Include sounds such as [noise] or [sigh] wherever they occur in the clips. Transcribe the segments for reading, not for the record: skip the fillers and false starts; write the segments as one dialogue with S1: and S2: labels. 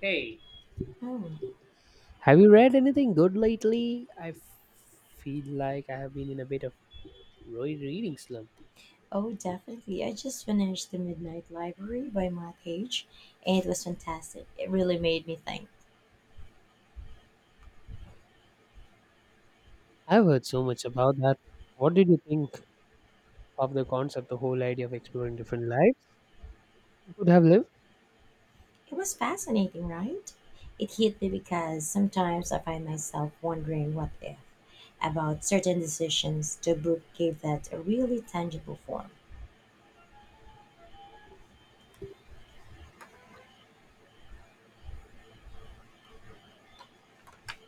S1: Hey,
S2: Hmm.
S1: have you read anything good lately? Feel like I have been in a bit of reading slump.
S2: Oh, definitely. I just finished The Midnight Library by Matt Haig, and it was fantastic. It really made me think.
S1: I've heard so much about that. What did you think of the concept, the whole idea of exploring different lives you could have lived?
S2: It was fascinating, right? It hit me because sometimes I find myself wondering what if about certain decisions. The book gave that a really tangible form.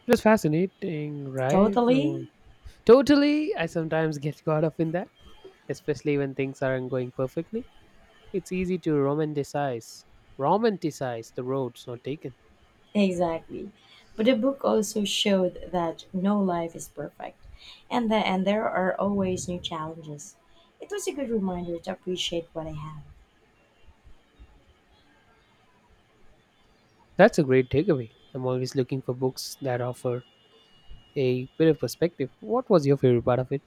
S1: It was fascinating, right? No.
S2: Totally?
S1: Totally. I sometimes get caught up in that, especially when things aren't going perfectly. It's easy to romanticize the roads not taken.
S2: Exactly. But the book also showed that no life is perfect, and there are always new challenges. It was a good reminder to appreciate what I have.
S1: That's a great takeaway. I'm always looking for books that offer a better perspective. What was your favorite part of it?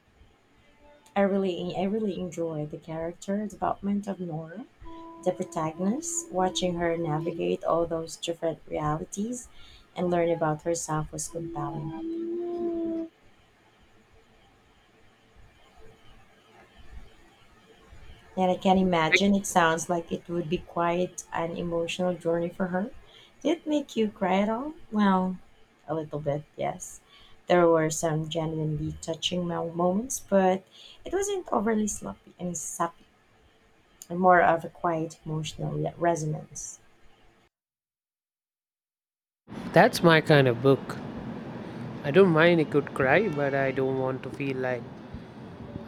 S2: I really enjoyed the character development of Nora, the protagonist. Watching her navigate all those different realities and learn about herself was compelling. And I can
S1: I can-
S2: imagine it sounds like it would be quite an emotional journey for her. Did it make you cry at all? Well, a little bit, yes. There were some genuinely touching moments, but it wasn't overly sloppy. I mean, sappy, and more of a quiet emotional resonance.
S1: That's my kind of book. I don't mind a good cry, but I don't want to feel like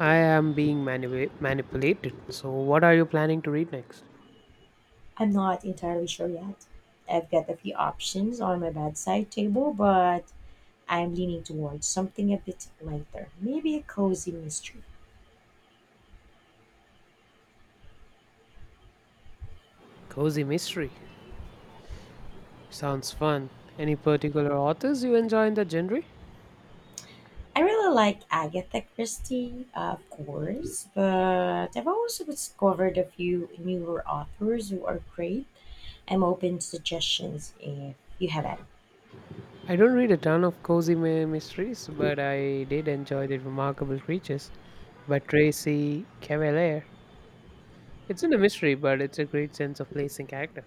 S1: I am being manipulated. So, what are you planning to read next?
S2: I'm not entirely sure yet. I've got a few options on my bedside table, but I'm leaning towards something a bit lighter, maybe a cozy mystery.
S1: Cozy mystery. Sounds fun. Any particular authors you enjoy in that genre?
S2: I really like Agatha Christie, of course, but I've also discovered a few newer authors who are great. I'm open to suggestions if you have any.
S1: I don't read a ton of cozy mysteries, but I did enjoy The Remarkable Creatures by Tracy Cavalier. It's in a mystery, but it's a great sense of place and character.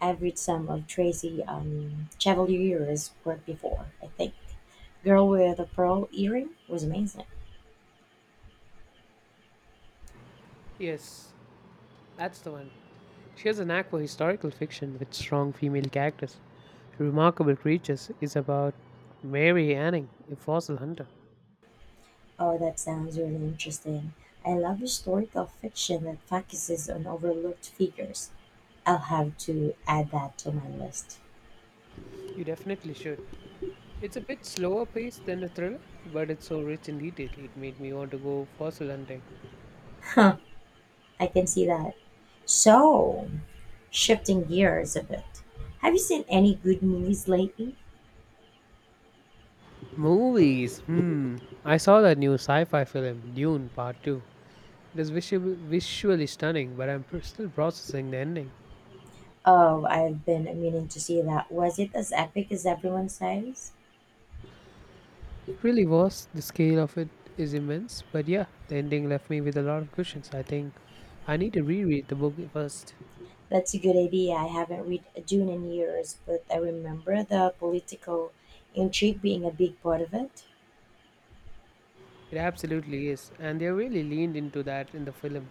S2: I've read some of Tracy Chevalier's work before, I think. Girl with a Pearl Earring was amazing.
S1: Yes, that's the one. She has a knack for historical fiction with strong female characters. Remarkable Creatures is about Mary Anning, a fossil hunter.
S2: Oh, that sounds really interesting. I love historical fiction that focuses on overlooked figures. I'll have to add that to my list.
S1: You definitely should. It's a bit slower paced than the thriller, but it's so rich in detail it made me want to go fossil hunting.
S2: Huh, I can see that. So, shifting gears a bit. Have you seen any good movies lately?
S1: Movies. Hmm. I saw that new sci-fi film Dune Part 2. It is visually stunning, but still processing the ending.
S2: Oh, I've been meaning to see that. Was it as epic as everyone says?
S1: It really was. The scale of it is immense. But yeah, the ending left me with a lot of questions. I think I need to reread the book first.
S2: That's a good idea. I haven't read Dune in years, but I remember the political intrigue being a big part of it.
S1: It absolutely is. And they really leaned into that in the film.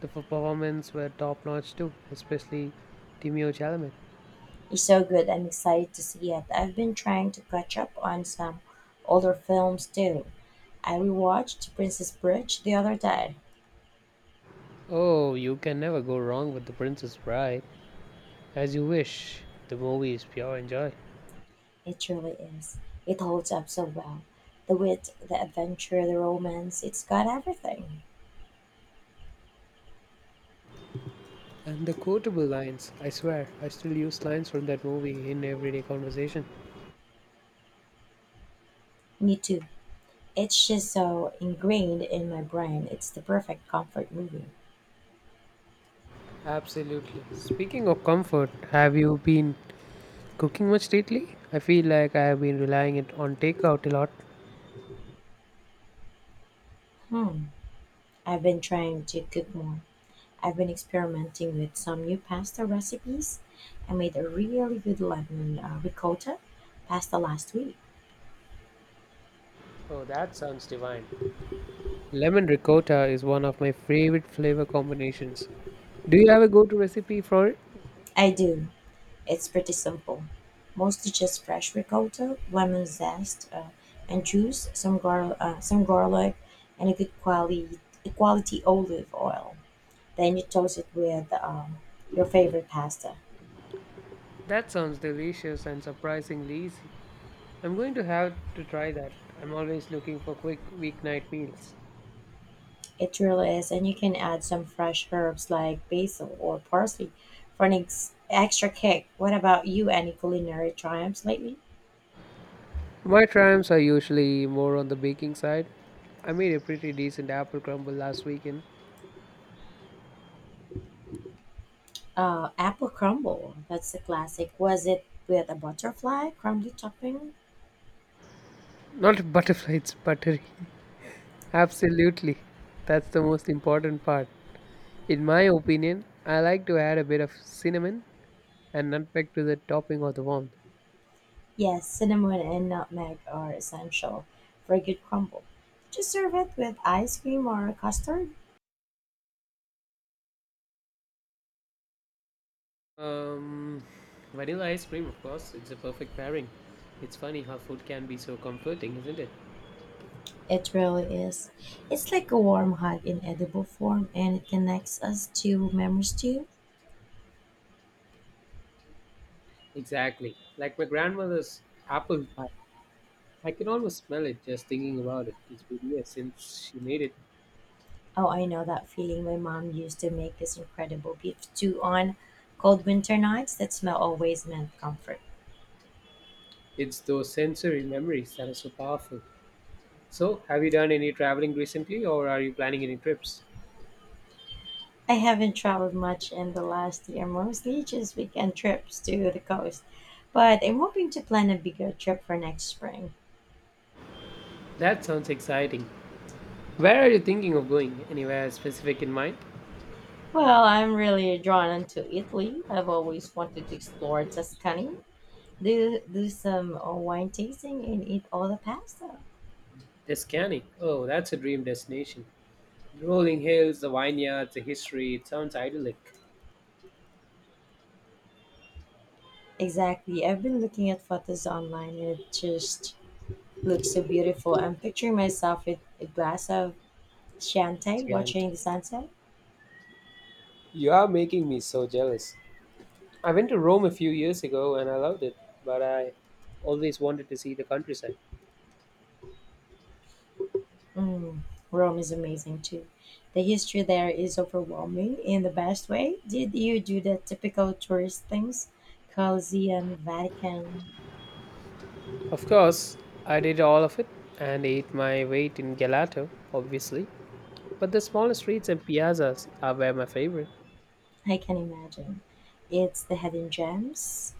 S1: The performances were top notch too, especially Timeo Chalamet.
S2: Is so good. I'm excited to see it. I've been trying to catch up on some older films too. I rewatched Princess Bridge the other day.
S1: Oh, you can never go wrong with The Princess Bride. As you wish. The movie is pure enjoy.
S2: It really is. It holds up so well. The wit, the adventure, the romance, it's got everything.
S1: And the quotable lines, I swear, I still use lines from that movie in everyday conversation.
S2: Me too. It's just so ingrained in my brain. It's the perfect comfort movie.
S1: Absolutely. Speaking of comfort, have you been cooking much lately? I feel like I have been relying it on takeout a lot.
S2: Hmm. I've been trying to cook more. I've been experimenting with some new pasta recipes. I made a really good lemon ricotta pasta last week.
S1: Oh, that sounds divine. Lemon ricotta is one of my favorite flavor combinations. Do you have a go-to recipe for it?
S2: I do. It's pretty simple. Mostly just fresh ricotta, lemon zest, and juice, some garlic, and a good quality olive oil. Then you toast it with your favorite pasta.
S1: That sounds delicious and surprisingly easy. I'm going to have to try that. I'm always looking for quick weeknight meals.
S2: It really is, and you can add some fresh herbs like basil or parsley for an extra kick. What about you? Any culinary triumphs lately?
S1: My triumphs are usually more on the baking side. I made a pretty decent apple crumble last weekend.
S2: Apple crumble. That's the classic. Was it with a butterfly crumbly topping?
S1: Not butterfly, it's buttery. [laughs] Absolutely. That's the most important part. In my opinion, I like to add a bit of cinnamon and nutmeg to the topping of the one.
S2: Yes, cinnamon and nutmeg are essential for a good crumble. Just serve it with ice cream or custard.
S1: Um, Vanilla ice cream, of course, it's a perfect pairing. It's funny how food can be so comforting, isn't it?
S2: It really is. It's like a warm hug in edible form, and it connects us to memories too.
S1: Exactly. Like my grandmother's apple pie. I can almost smell it just thinking about it. It's been years since she made it.
S2: Oh, I know that feeling. My mom used to make this incredible beef stew on cold winter nights. That smell always meant comfort.
S1: It's those sensory memories that are so powerful. So, have you done any traveling recently or are you planning any trips?
S2: I haven't traveled much in the last year, mostly just weekend trips to the coast. But I'm hoping to plan a bigger trip for next spring.
S1: That sounds exciting. Where are you thinking of going? Anywhere specific in mind?
S2: Well, I'm really drawn to Italy. I've always wanted to explore Tuscany, do some wine tasting, and eat all the pasta.
S1: Tuscany. Oh, that's a dream destination. The rolling hills, the vineyards, the history. It sounds idyllic.
S2: Exactly. I've been looking at photos online and it just looks so beautiful. I'm picturing myself with a glass of Chianti
S1: Tuscany.
S2: watching the sunset.
S1: You are making me so jealous. I went to Rome a few years ago and I loved it, but I always wanted to see the countryside.
S2: Mm, Rome is amazing too. The history there is overwhelming in the best way. Did you do the typical tourist things? Colosseum, Vatican.
S1: Of course, I did all of it and ate my weight in gelato, obviously. But the smaller streets and piazzas are where my favorite.
S2: I can imagine. It's the hidden gems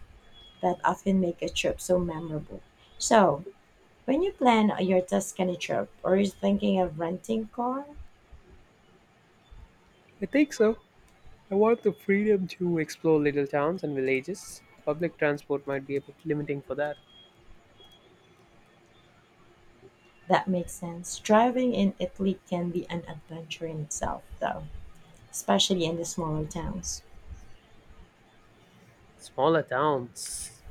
S2: that often make a trip so memorable. So, when you plan your Tuscany trip, are you thinking of renting car?
S1: I think so. I want the freedom to explore little towns and villages. Public transport might be a bit limiting for that.
S2: That makes sense. Driving in Italy can be an adventure in itself, though, especially in the smaller towns.
S1: Smaller towns.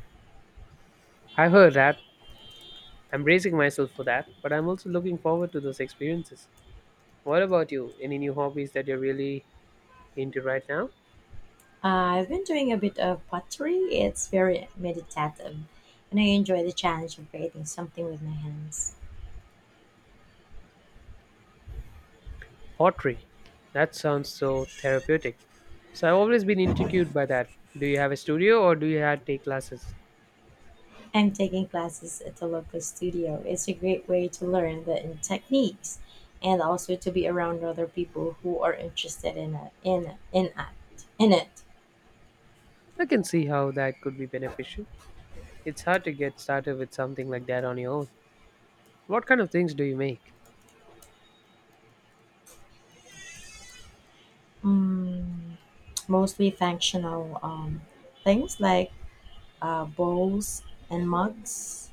S1: I heard that. I'm bracing myself for that, but I'm also looking forward to those experiences. What about you? Any new hobbies that you're really into right now?
S2: I've been doing a bit of pottery. It's very meditative, and I enjoy the challenge of creating something with my hands.
S1: Pottery. That sounds so therapeutic. So I've always been intrigued by that. Do you have a studio or do you have to take classes?
S2: I'm taking classes at the local studio. It's a great way to learn the techniques and also to be around other people who are interested in it. In it.
S1: I can see how that could be beneficial. It's hard to get started with something like that on your own. What kind of things do you make?
S2: Mm, mostly functional things like bowls, and mugs.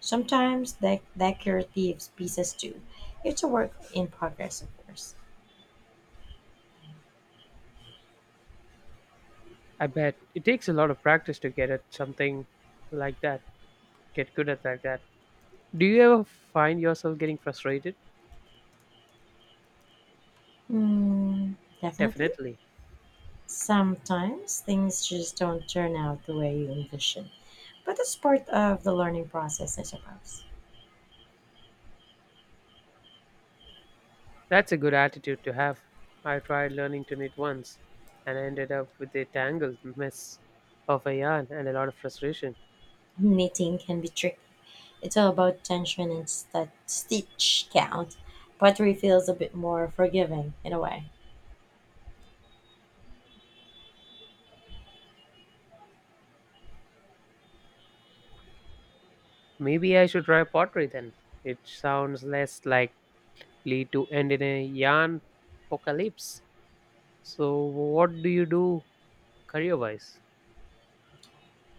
S2: Sometimes decorative pieces too. It's a work in progress, of course.
S1: I bet it takes a lot of practice to get at something like that, get good at like that. Do you ever find yourself getting frustrated?
S2: Hmm, definitely.
S1: Definitely.
S2: Sometimes things just don't turn out the way you envision, but it's part of the learning process, I suppose.
S1: That's a good attitude to have. I tried learning to knit once and ended up with a tangled mess of a yarn and a lot of frustration.
S2: Knitting can be tricky. It's all about tension and stitch count. Pottery feels a bit more forgiving in a way.
S1: Maybe I should try pottery then. It sounds less likely to end in a yarn apocalypse. So, what do you do career wise?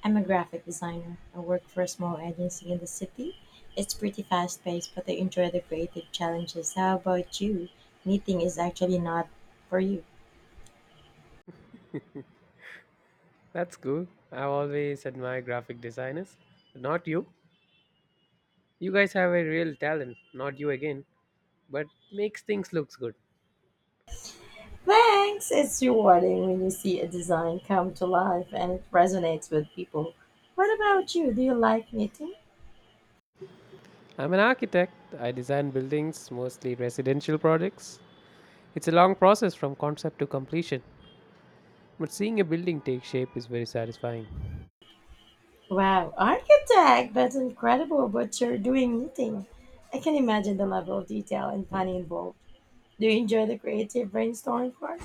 S2: I'm a graphic designer. I work for a small agency in the city. It's pretty fast paced, but I enjoy the creative challenges. How about you? Knitting is actually not for you.
S1: That's cool. I've always admired graphic designers. But not you. You guys have a real talent. Not you again. But makes things looks good.
S2: Thanks! It's rewarding when you see a design come to life and it resonates with people. What about you? Do you like knitting?
S1: I'm an architect. I design buildings, mostly residential projects. It's a long process from concept to completion, but seeing a building take shape is very satisfying.
S2: Wow, architect! That's incredible what you're doing knitting. I can imagine the level of detail and planning involved. Do you enjoy the creative brainstorming part?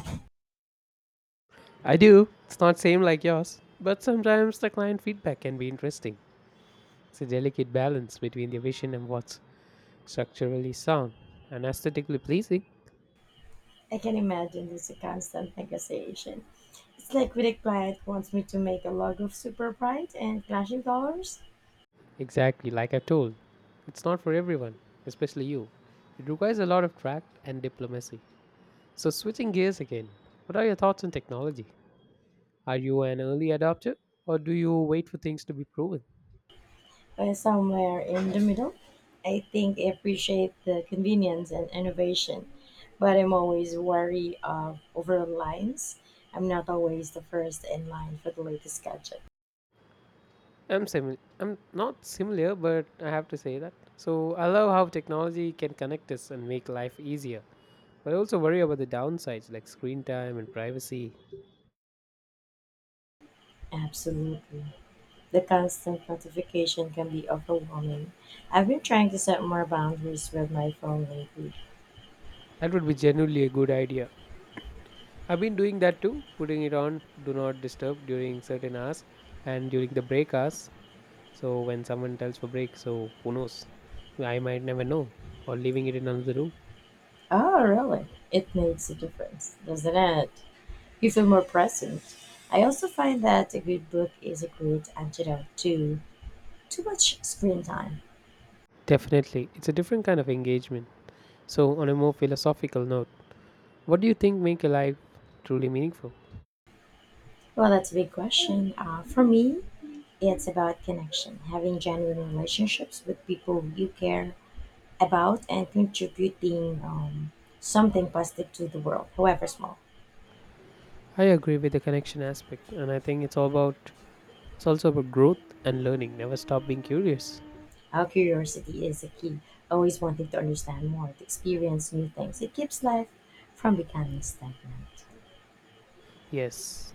S1: I do. It's not same like yours, but sometimes the client feedback can be interesting. It's a delicate balance between the vision and what's structurally sound and aesthetically pleasing.
S2: I can imagine it's a constant negotiation. It's like when a client wants me to make a log of super bright and clashing colors,
S1: Exactly like I told. It's not for everyone, especially you. It requires a lot of tact and diplomacy. So switching gears again. What are your thoughts on technology? Are you an early adopter or do you wait for things to be proven?
S2: but somewhere in the middle. I think I appreciate the convenience and innovation, but I'm always wary of over lines. I'm not always the first in line for the latest gadget.
S1: I'm similar. I'm not similar, but I have to say that. So I love how technology can connect us and make life easier, but I also worry about the downsides like screen time and privacy.
S2: Absolutely. The constant notification can be overwhelming. I've been trying to set more boundaries with my phone lately.
S1: That would be genuinely a good idea. I've been doing that too, putting it on do not disturb during certain hours and during the break hours. So when someone tells for break, so who knows? I might never know, or leaving it in another room.
S2: Oh, really? It makes a difference, doesn't it? You feel more present. I also find that a good book is a great antidote to too much screen time.
S1: Definitely, it's a different kind of engagement. So, on a more philosophical note, what do you think make a life truly meaningful?
S2: Well, that's a big question. For me, it's about connection, having genuine relationships with people you care about and contributing something positive to the world, however small.
S1: I agree with the connection aspect, and I think it's also about growth and learning. Never stop being curious.
S2: Our curiosity is a key, always wanting to understand more, to experience new things. It keeps life from becoming stagnant.
S1: Yes,